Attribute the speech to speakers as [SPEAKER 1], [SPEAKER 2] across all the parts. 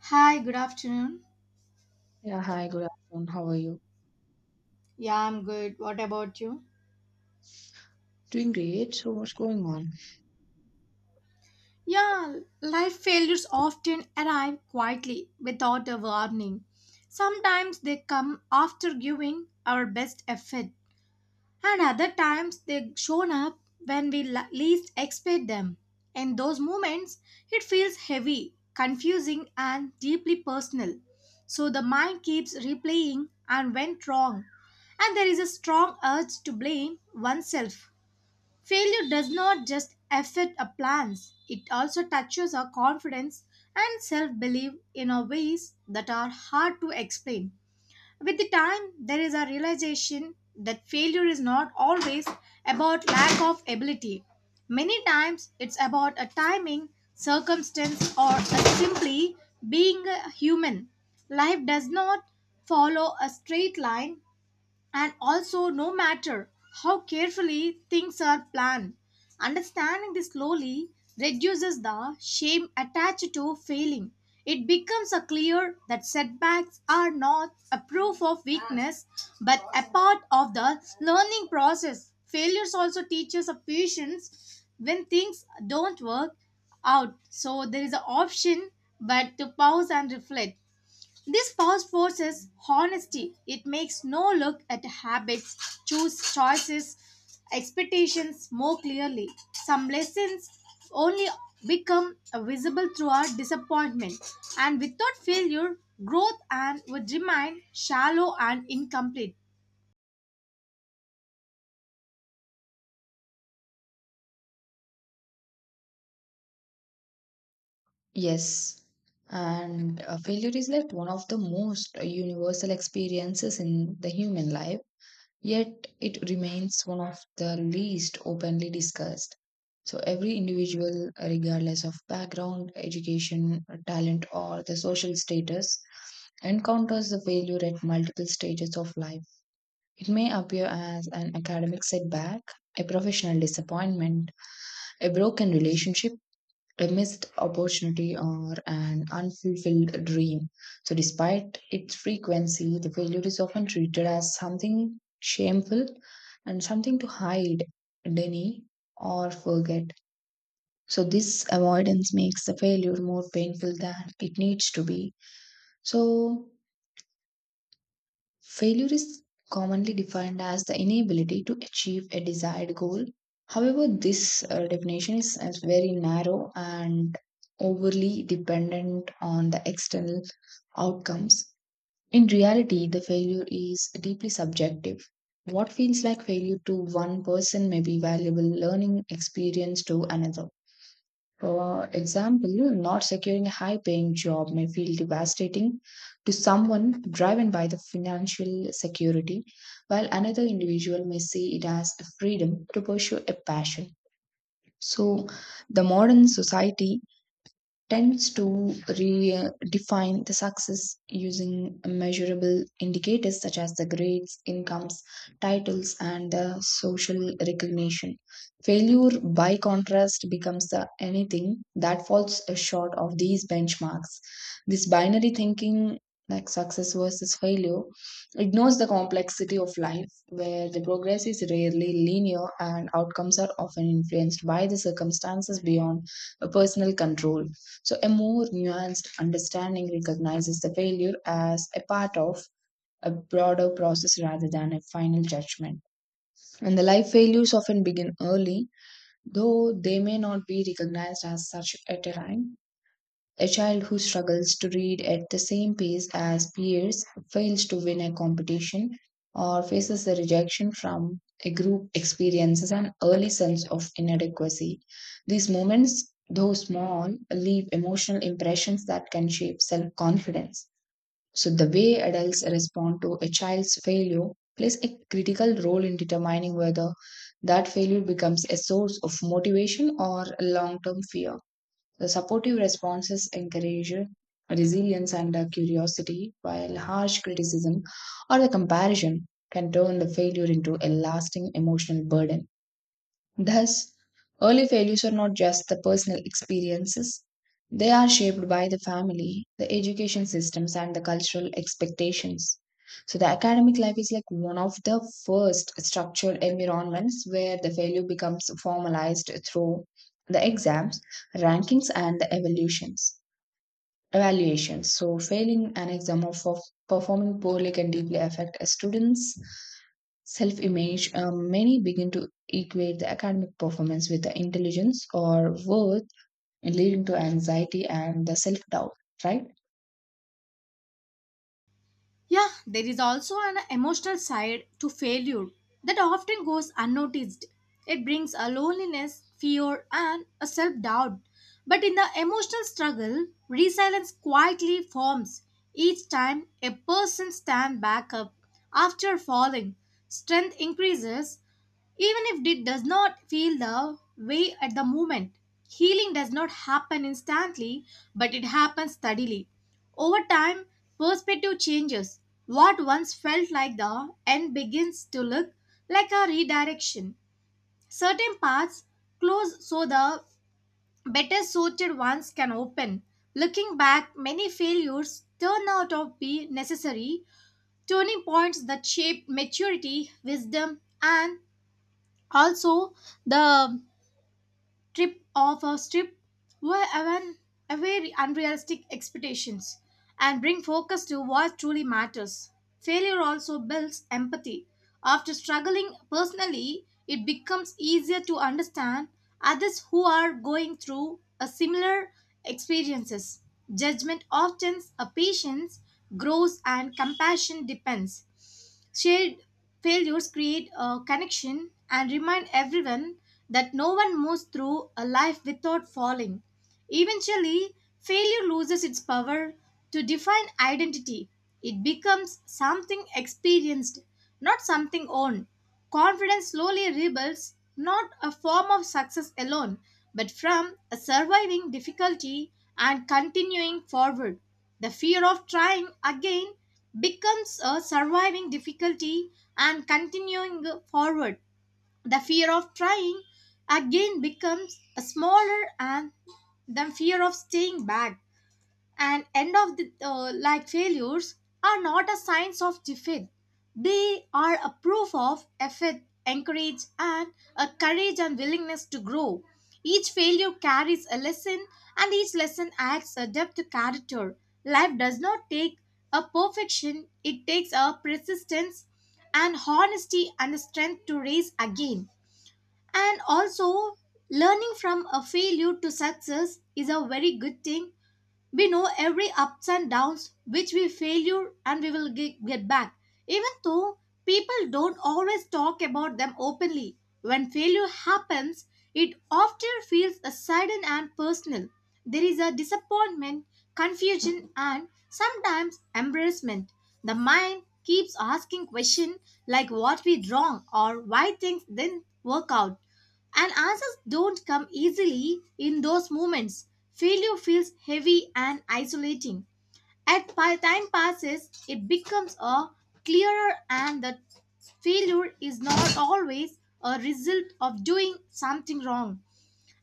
[SPEAKER 1] Hi, good afternoon.
[SPEAKER 2] Yeah, hi, good afternoon. How are you?
[SPEAKER 1] Yeah, I'm good. What about you?
[SPEAKER 2] Doing great. So, what's going on?
[SPEAKER 1] Yeah, life failures often arrive quietly without a warning. Sometimes they come after giving our best effort, and other times they shown up when we least expect them. In those moments, it feels heavy, confusing, and deeply personal. So the mind keeps replaying and went wrong, and there is a strong urge to blame oneself. Failure does not just affect our plans, it also touches our confidence and self belief in our ways that are hard to explain. With the time, there is a realization that failure is not always about lack of ability. Many times, it's about a timing, circumstance, or a simply being a human. Life does not follow a straight line, and also, no matter how carefully things are planned, understanding this slowly reduces the shame attached to failing. It becomes a clear that setbacks are not a proof of weakness, but a part of the learning process. Failures also teaches a patience when things don't work out. So there is an option but to pause and reflect. This first forces honesty. It makes no look at habits, choose choices, expectations more clearly. Some lessons only become visible through our disappointment, and without failure, growth and would remain shallow and incomplete.
[SPEAKER 2] Yes. And Failure is like one of the most universal experiences in the human life, yet it remains one of the least openly discussed. So, every individual, regardless of background, education, talent, or the social status, encounters the failure at multiple stages of life. It may appear as an academic setback, a professional disappointment, a broken relationship, a missed opportunity, or an unfulfilled dream. So, despite its frequency, the failure is often treated as something shameful and something to hide, deny, or forget. So, this avoidance makes the failure more painful than it needs to be. So, failure is commonly defined as the inability to achieve a desired goal. However, this definition is very narrow and overly dependent on the external outcomes. In reality, the failure is deeply subjective. What feels like failure to one person may be valuable learning experience to another. For example, not securing a high paying job may feel devastating to someone driven by the financial security, while another individual may see it as a freedom to pursue a passion. So, the modern society tends to redefine the success using measurable indicators such as the grades, incomes, titles, and the social recognition. Failure, by contrast, becomes the anything that falls short of these benchmarks. This binary thinking, like success versus failure, ignores the complexity of life, where the progress is rarely linear and outcomes are often influenced by the circumstances beyond a personal control. So, a more nuanced understanding recognizes the failure as a part of a broader process rather than a final judgment. And the life failures often begin early, though they may not be recognized as such at a time. A child who struggles to read at the same pace as peers, fails to win a competition, or faces the rejection from a group experiences an early sense of inadequacy. These moments, though small, leave emotional impressions that can shape self confidence. So, the way adults respond to a child's failure plays a critical role in determining whether that failure becomes a source of motivation or long term fear. The supportive responses encourage resilience and curiosity, while harsh criticism or the comparison can turn the failure into a lasting emotional burden. Thus, early failures are not just the personal experiences, they are shaped by the family, the education systems, and the cultural expectations. So, the academic life is like one of the first structured environments where the failure becomes formalized through the exams, rankings, and the evaluations. Evaluation. So, failing an exam or for performing poorly can deeply affect a student's self image. Many begin to equate the academic performance with the intelligence or worth, leading to anxiety and the self doubt, right?
[SPEAKER 1] Yeah, there is also an emotional side to failure that often goes unnoticed. It brings a loneliness, fear, and a self doubt. But in the emotional struggle, resilience quietly forms each time a person stands back up after falling. Strength increases even if it does not feel the way at the moment. Healing does not happen instantly, but it happens steadily. Over time, perspective changes. What once felt like the end begins to look like a redirection. Certain paths close so the better suited ones can open. Looking back, many failures turn out to be necessary turning points that shaped maturity, wisdom, and also the trip of a trip, were even away unrealistic expectations and bring focus to what truly matters. Failure also builds empathy. After struggling personally, it becomes easier to understand others who are going through a similar experiences. Judgment often a patience grows and compassion depends. Shared failures create a connection and remind everyone that no one moves through a life without falling. Eventually, failure loses its power to define identity. It becomes something experienced, not something owned. Confidence slowly rebuilds, not a form of success alone, but from a surviving difficulty and continuing forward. The fear of trying again becomes a surviving difficulty and continuing forward. The fear of trying again becomes smaller and the fear of staying back and end of the like failures are not a signs of defeat, they are a proof of effort, encourage and a courage and willingness to grow. Each failure carries a lesson and each lesson adds a depth to character. Life does not take a perfection, it takes a persistence and honesty and the strength to raise again. And also, learning from a failure to success is a very good thing. We know every ups and downs which we failure and we will get back even though people don't always talk about them openly. When failure happens, it often feels a sudden and personal. There is a disappointment, confusion, and sometimes embarrassment. The mind keeps asking questions like what we wrong or why things didn't work out, and answers don't come easily in those moments. Failure feels heavy and isolating. As time passes, it becomes a clearer and that failure is not always a result of doing something wrong.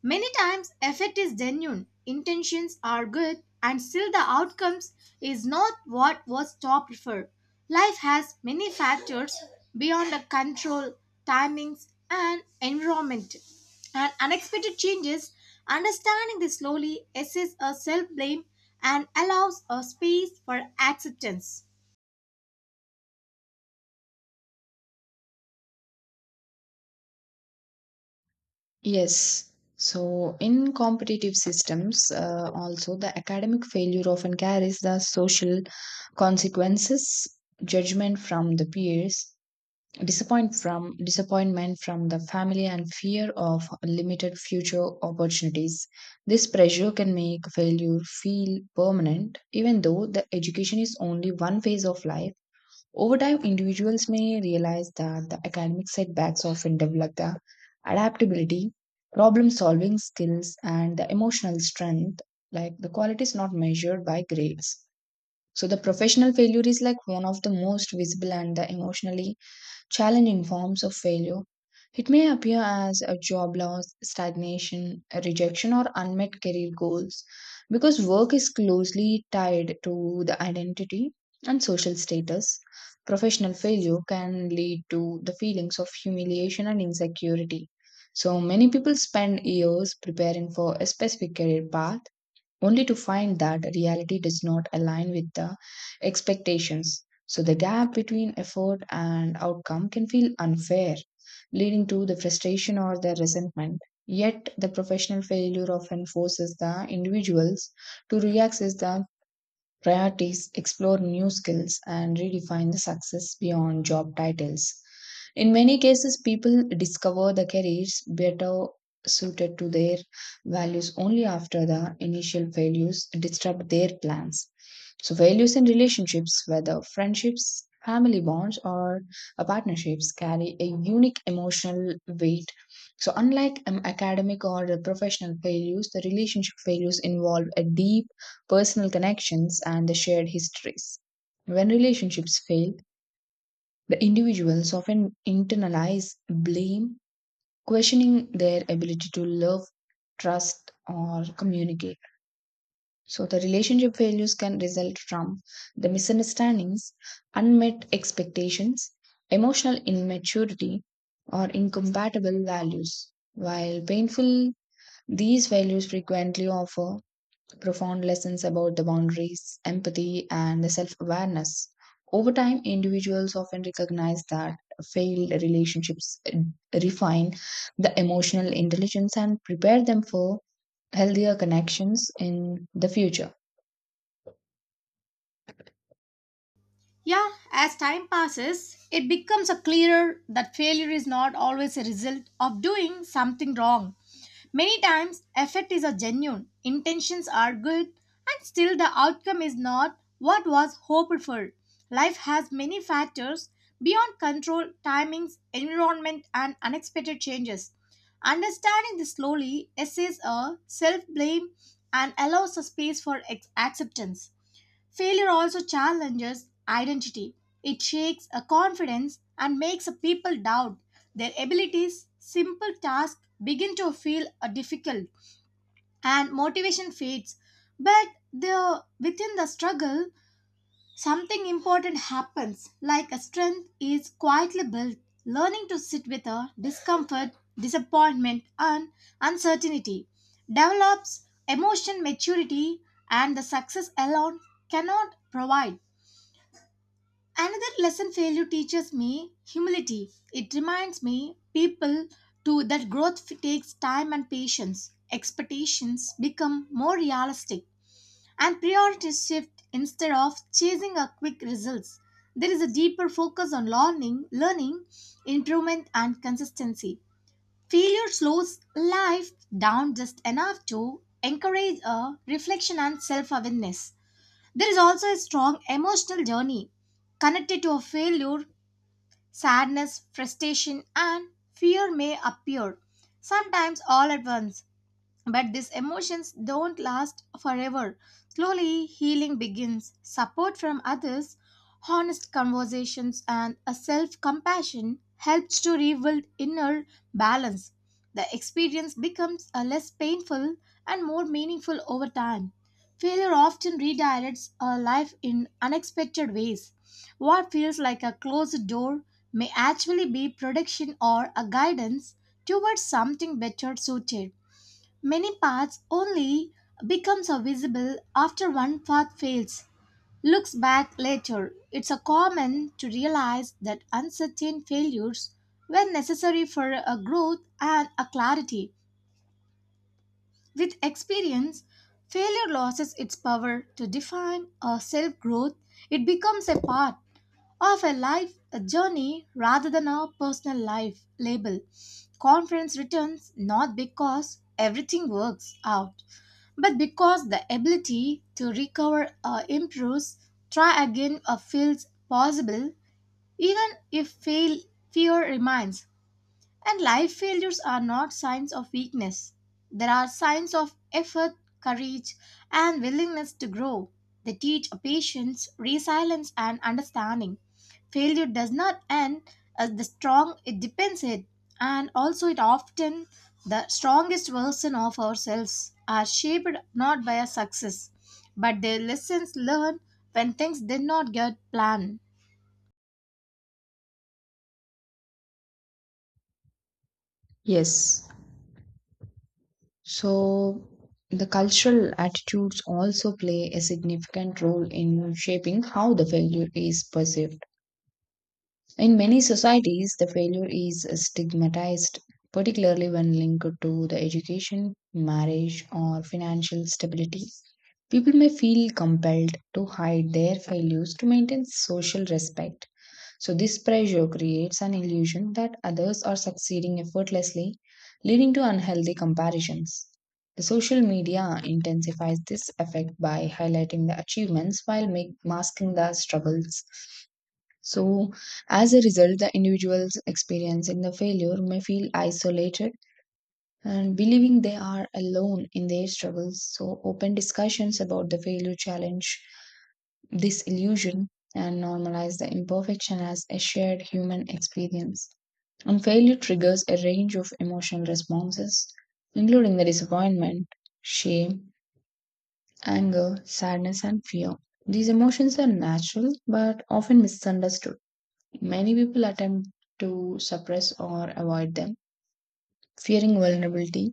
[SPEAKER 1] Many times effort is genuine, intentions are good, and still the outcomes is not what was top for. Life has many factors beyond the control, timings, and environment, and unexpected changes. Understanding this slowly assists a self blame and allows a space for acceptance.
[SPEAKER 2] Yes. So, in competitive systems, also the academic failure often carries the social consequences, judgment from the peers, disappointment from the family and fear of limited future opportunities. This pressure can make failure feel permanent even though the education is only one phase of life. Over time individuals may realize that the academic setbacks often develop the adaptability, problem solving skills and the emotional strength, like the quality is not measured by grades. So the professional failure is like one of the most visible and the emotionally challenging forms of failure. It may appear as a job loss, stagnation, a rejection, or unmet career goals because work is closely tied to the identity and social status. Professional failure can lead to the feelings of humiliation and insecurity. So, many people spend years preparing for a specific career path only to find that reality does not align with the expectations. So the gap between effort and outcome can feel unfair, leading to the frustration or the resentment. Yet, the professional failure often forces the individuals to reassess the priorities, explore new skills and redefine the success beyond job titles. In many cases, people discover the careers better suited to their values only after the initial failures disrupt their plans. So, values in relationships, whether friendships, family bonds, or partnerships, carry a unique emotional weight. So, unlike academic or professional failures, the relationship failures involve a deep personal connections, and the shared histories. When relationships fail, the individuals often internalize blame, questioning their ability to love, trust, or communicate. So, the relationship failures can result from the misunderstandings, unmet expectations, emotional immaturity, or incompatible values. While painful, these failures frequently offer profound lessons about the boundaries, empathy, and the self awareness. Over time, individuals often recognize that failed relationships refine the emotional intelligence and prepare them for healthier connections in the future.
[SPEAKER 1] Yeah, as time passes, it becomes a clearer that failure is not always a result of doing something wrong. Many times, effort is a genuine, intentions are good, and still the outcome is not what was hoped for. Life has many factors beyond control, timings, environment, and unexpected changes. Understanding this slowly essays a self blame and allows a space for acceptance. Failure also challenges identity. It shakes a confidence and makes a people doubt their abilities. Simple tasks begin to feel difficult and motivation fades. Within the struggle, something important happens, like a strength is quietly built. Learning to sit with a discomfort, disappointment, and uncertainty develops emotion maturity, and the success alone cannot provide. Another lesson failure teaches me humility. It reminds me people to that takes time and patience. Expectations become more realistic and priorities shift instead of chasing a quick results. There is a deeper focus on learning, improvement and consistency. Failure slows life down just enough to encourage a reflection and self-awareness. There is also a strong emotional journey connected to a failure, sadness, frustration, and fear may appear, sometimes all at once. But these emotions don't last forever. Slowly, healing begins. Support from others, honest conversations, and a self compassion helps to rebuild inner balance. The experience becomes a less painful and more meaningful over time. Failure often redirects our life in unexpected ways. What feels like a closed door may actually be protection or a guidance towards something better suited. Many paths only become visible after one path fails. Looks back later. It's a common to realize that uncertain failures were necessary for a growth and a clarity. With experience, failure loses its power to define a self growth. It becomes a part of a life a journey rather than a personal life label. Confidence returns not because everything works out, but because the ability to recover or improves, try again or feels possible, even if fail, fear remains. And life failures are not signs of weakness. They are signs of effort, courage, and willingness to grow. They teach patience, resilience, and understanding. Failure does not end as the strong it depends it, and also it often the strongest version of ourselves are shaped not by a success, but the lessons learned when things did not get planned.
[SPEAKER 2] Yes. So, the cultural attitudes also play a significant role in shaping how the failure is perceived. In many societies, the failure is stigmatized, particularly when linked to the education, marriage, or financial stability. People may feel compelled to hide their failures to maintain social respect. So, this pressure creates an illusion that others are succeeding effortlessly, leading to unhealthy comparisons. The social media intensifies this effect by highlighting the achievements while masking the struggles. So, as a result, the individuals experiencing the failure may feel isolated and believing they are alone in their struggles. So, open discussions about the failure challenge this illusion and normalize the imperfection as a shared human experience. And failure triggers a range of emotional responses, including the disappointment, shame, anger, sadness, and fear. These emotions are natural but often misunderstood. Many people attempt to suppress or avoid them, fearing vulnerability.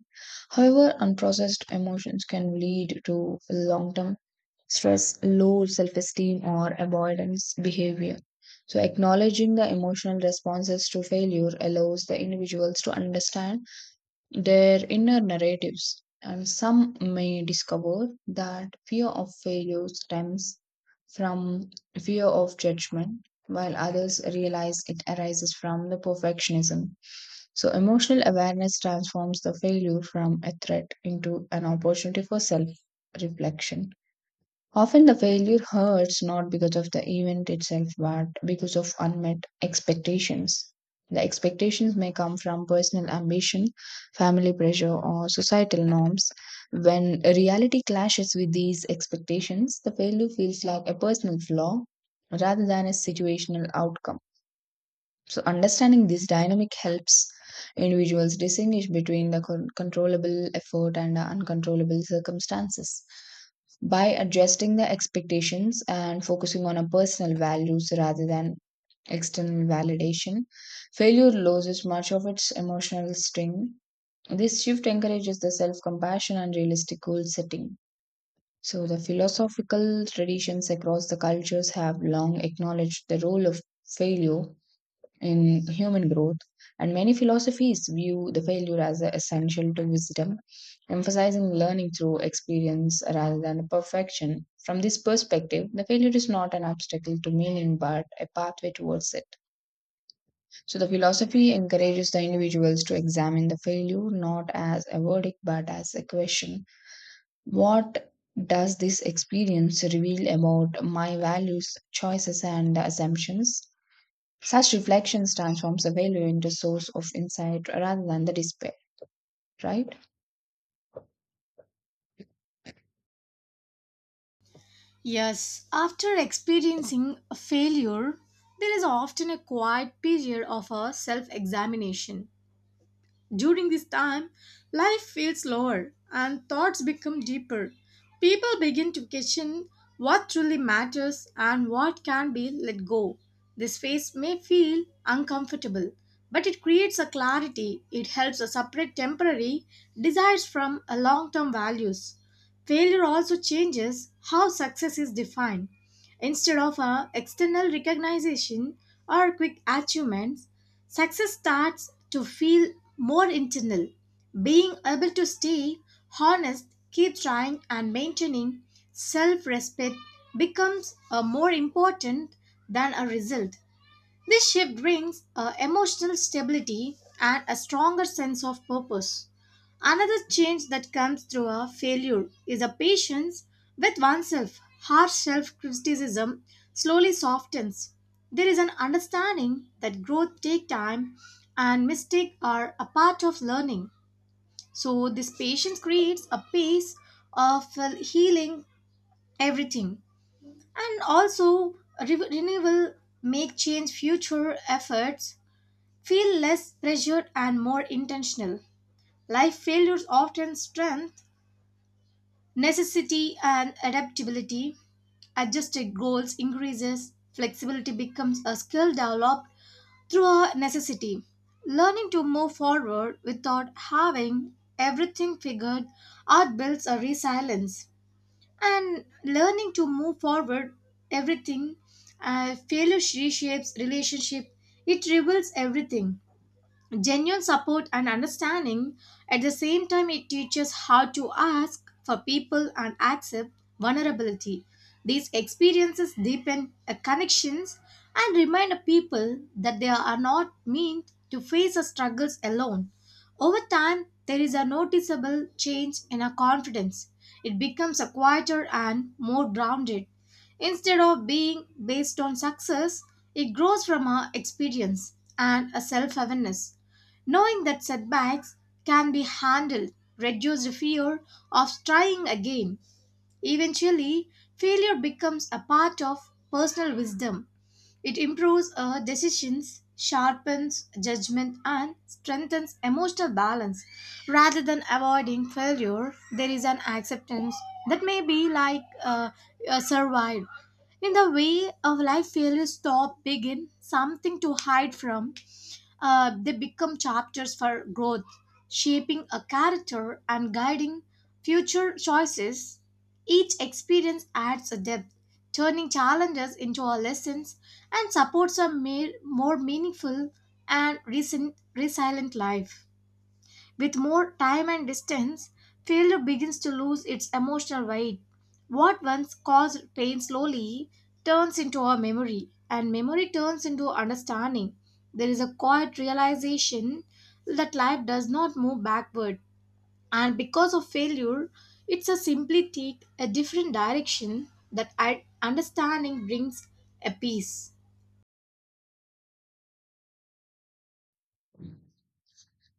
[SPEAKER 2] However, unprocessed emotions can lead to long term stress, low self esteem, or avoidance behavior. So, acknowledging the emotional responses to failure allows the individuals to understand their inner narratives. And some may discover that fear of failure stems from fear of judgment, while others realize it arises from the perfectionism. So, emotional awareness transforms the failure from a threat into an opportunity for self reflection. Often the failure hurts not because of the event itself, but because of unmet expectations. The expectations may come from personal ambition, family pressure, or societal norms. When reality clashes with these expectations, the failure feels like a personal flaw rather than a situational outcome. So, understanding this dynamic helps individuals distinguish between the controllable effort and the uncontrollable circumstances. By adjusting the expectations and focusing on our personal values rather than external validation, failure loses much of its emotional sting. This shift encourages the self compassion and realistic goal setting. So, the philosophical traditions across the cultures have long acknowledged the role of failure in human growth, and many philosophies view the failure as essential to wisdom, emphasizing learning through experience rather than perfection. From this perspective, the failure is not an obstacle to meaning but a pathway towards it. So, the philosophy encourages the individuals to examine the failure not as a verdict but as a question. What does this experience reveal about my values, choices, and assumptions? Such reflections transforms a failure into source of insight rather than the despair, right?
[SPEAKER 1] Yes, after experiencing a failure, there is often a quiet period of a self examination. During this time, life feels slower and thoughts become deeper. People begin to question what truly matters and what can be let go. This phase may feel uncomfortable, but it creates a clarity. It helps us separate temporary desires from long term values. Failure also changes how success is defined. Instead of a external recognition or quick achievements, success starts to feel more internal. Being able to stay honest, keep trying, and maintaining self respect becomes a more important than a result. This shift brings emotional stability and a stronger sense of purpose. Another change that comes through a failure is a patience with oneself. Harsh self criticism slowly softens. There is an understanding that growth takes time and mistakes are a part of learning. So, this patience creates a pace of well, healing everything and also renewal make change future efforts feel less pressured and more intentional. Life failures often strength, necessity and adaptability. Adjusted goals increases, flexibility becomes a skill developed through a necessity. Learning to move forward without having everything figured out builds a resilience. And learning to move forward everything failure reshapes relationship. It reveals everything genuine support and understanding. At the same time, it teaches how to ask for people and accept vulnerability. These experiences deepen connections and remind people that they are not meant to face the struggles alone. Over time, there is a noticeable change in our confidence. It becomes a quieter and more grounded. Instead of being based on success, it grows from our experience and a self awareness. Knowing that setbacks can be handled reduces fear of trying again. Eventually, failure becomes a part of personal wisdom. It improves decisions, sharpens judgment, and strengthens emotional balance. Rather than avoiding failure, there is an acceptance that may be like survive. In the way of life, failures stop, begin something to hide from. They become chapters for growth, shaping a character and guiding future choices. Each experience adds a depth turning challenges into our lessons and supports a more meaningful and recent, resilient life. With more time and distance, failure begins to lose its emotional weight. What once caused pain slowly turns into a memory, and memory turns into understanding. There is a quiet realization that life does not move backward, and because of failure it's a simply take a different direction that understanding brings a peace.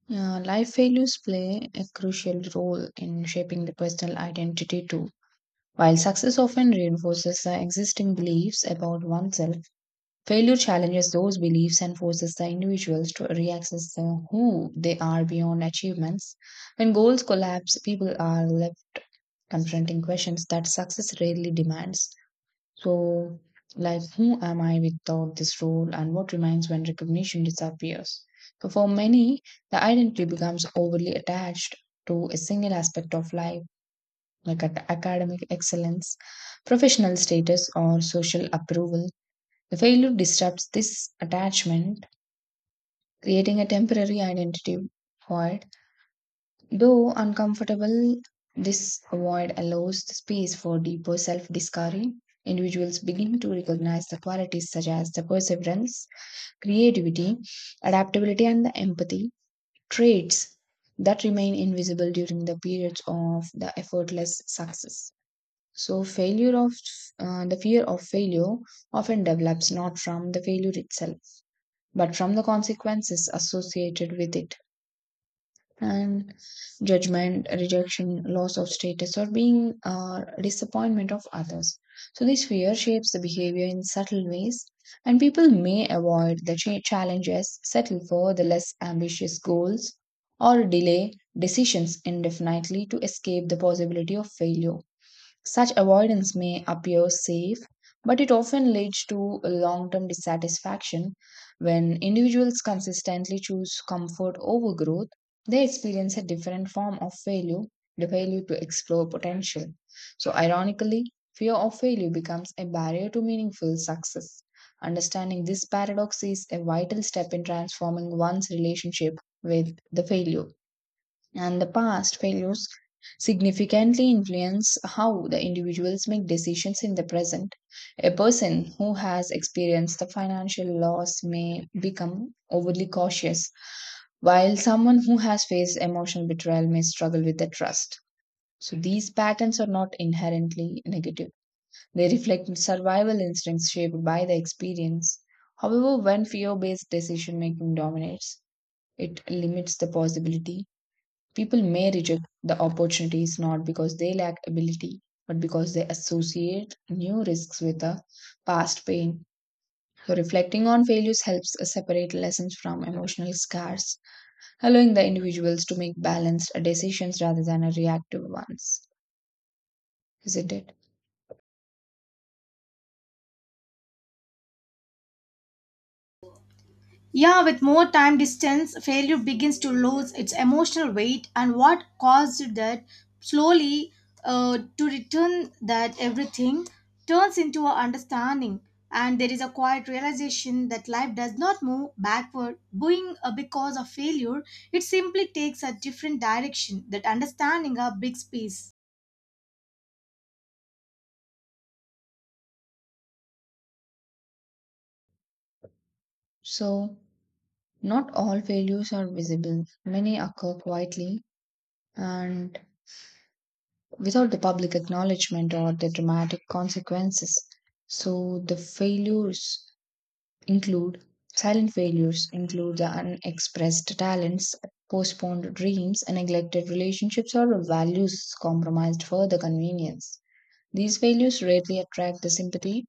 [SPEAKER 2] Yeah, life failures play a crucial role in shaping the personal identity too. While success often reinforces the existing beliefs about oneself, failure challenges those beliefs and forces the individuals to reaccess the who they are beyond achievements. When goals collapse, people are left confronting questions that success rarely demands. So, like, who am I without this role, and what remains when recognition disappears? So, for many, the identity becomes overly attached to a single aspect of life, like at academic excellence, professional status, or social approval. The failure disrupts this attachment, creating a temporary identity void. Though uncomfortable, this void allows the space for deeper self discovery. Individuals begin to recognize the qualities such as the perseverance, creativity, adaptability, and the empathy, traits that remain invisible during the periods of the effortless success. So, failure of the fear of failure often develops not from the failure itself, but from the consequences associated with it and judgment, rejection, loss of status, or being disappointment of others. So this fear shapes the behavior in subtle ways, and people may avoid the challenges, settle for the less ambitious goals, or delay decisions indefinitely to escape the possibility of failure. Such avoidance may appear safe, but it often leads to long term dissatisfaction. When individuals consistently choose comfort over growth, they experience a different form of failure, the failure to explore potential. So, ironically, fear of failure becomes a barrier to meaningful success. Understanding this paradox is a vital step in transforming one's relationship with the failure and the past failures significantly influence how the individuals make decisions in the present. A person who has experienced the financial loss may become overly cautious, while someone who has faced emotional betrayal may struggle with the trust. So, these patterns are not inherently negative. They reflect survival instincts shaped by the experience. However, when fear based decision making dominates, it limits the possibility. People may reject the opportunities not because they lack ability, but because they associate new risks with the past pain. So, reflecting on failures helps us separate lessons from emotional scars, allowing the individuals to make balanced decisions rather than a reactive ones. Isn't it?
[SPEAKER 1] Yeah, with more time distance, failure begins to lose its emotional weight, and what caused that slowly to return that everything turns into a understanding. And there is a quiet realization that life does not move backward, going because of failure. It simply takes a different direction. That understanding a big space.
[SPEAKER 2] So, not all failures are visible. Many occur quietly and without the public acknowledgement or the dramatic consequences. So the failures include silent failures include the unexpressed talents, postponed dreams, and neglected relationships or values compromised for the convenience. These failures rarely attract the sympathy,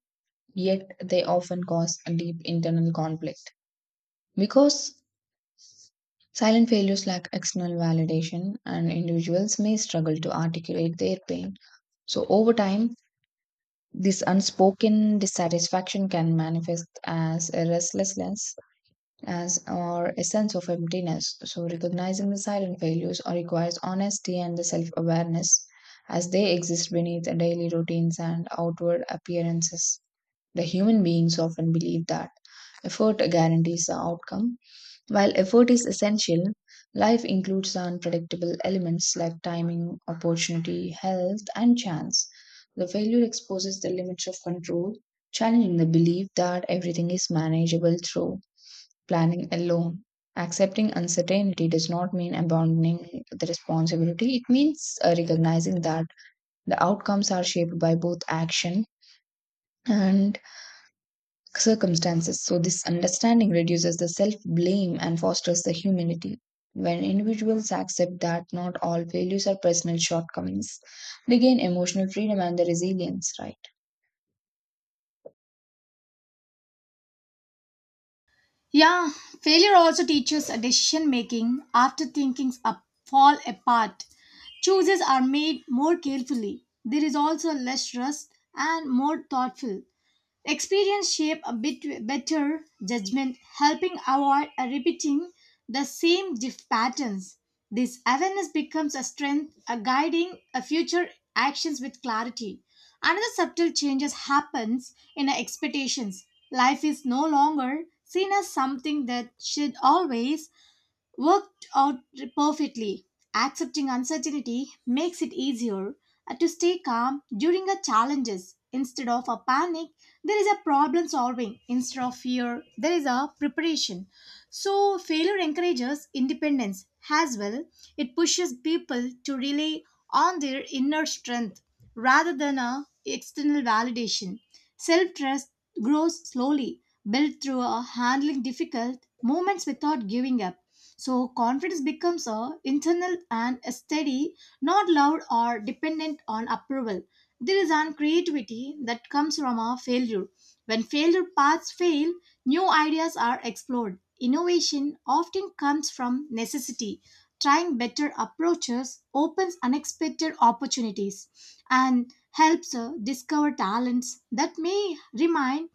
[SPEAKER 2] yet they often cause a deep internal conflict because silent failures lack external validation, and individuals may struggle to articulate their pain. So, over time, this unspoken dissatisfaction can manifest as a restlessness as or a sense of emptiness. So, recognizing the silent failures requires honesty and the self awareness as they exist beneath the daily routines and outward appearances. The human beings often believe that effort guarantees the outcome, while effort is essential, life includes unpredictable elements like timing, opportunity, health, and chance. The failure exposes the limits of control, challenging the belief that everything is manageable through planning alone. Accepting uncertainty does not mean abandoning the responsibility. It means recognizing that the outcomes are shaped by both action and circumstances. So, this understanding reduces the self blame and fosters the humility. When individuals accept that not all failures are personal shortcomings, they gain emotional freedom and the resilience, right?
[SPEAKER 1] Yeah, failure also teaches decision making after thinkings up, fall apart. Choices are made more carefully. There is also less rust and more thoughtful. Experience shape a bit better judgment, helping avoid repeating the same diff patterns. This awareness becomes a strength, a guiding a future actions with clarity. Another subtle changes happens in our expectations. Life is no longer seen as something that should always worked out perfectly. Accepting uncertainty makes it easier to stay calm during a challenges. Instead of a panic, there is a problem solving. Instead of fear, there is a preparation. So failure encourages independence as well. It pushes people to rely on their inner strength rather than a external validation. Self-trust grows slowly, built through a handling difficult moments without giving up. So confidence becomes a internal and a steady, not loud or dependent on approval. There is an creativity that comes from a failure. When failure paths fail, new ideas are explored. Innovation often comes from necessity. Trying better approaches opens unexpected opportunities and helps discover talents that may remain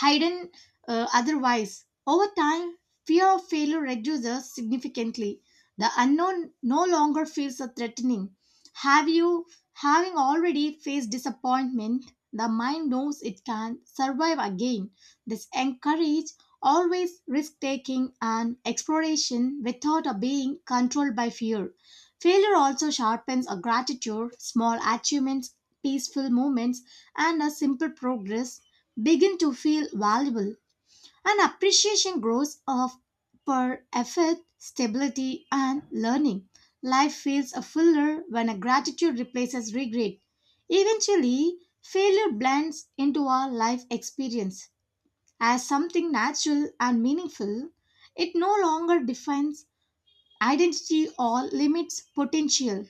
[SPEAKER 1] hidden otherwise. Over time, fear of failure reduces significantly. The unknown no longer feels so threatening. Have you, having already faced disappointment, the mind knows it can survive again. This encourages always risk taking and exploration without a being controlled by fear. Failure also sharpens a gratitude, small achievements, peaceful moments, and a simple progress begin to feel valuable and appreciation grows of per effort stability and learning. Life feels a fuller when a gratitude replaces regret. Eventually, failure blends into our life experience as something natural and meaningful. It no longer defines identity or limits potential.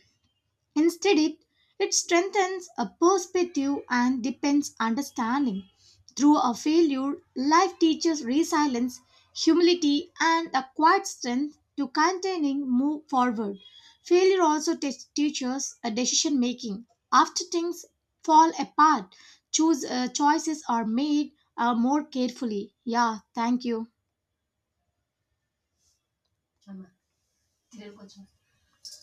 [SPEAKER 1] Instead, it strengthens a perspective and deepens understanding. Through a failure, life teaches resilience, humility, and a quiet strength to continuing move forward. Failure also teaches a decision making. After things fall apart, choose choices are made more carefully. Yeah, thank you.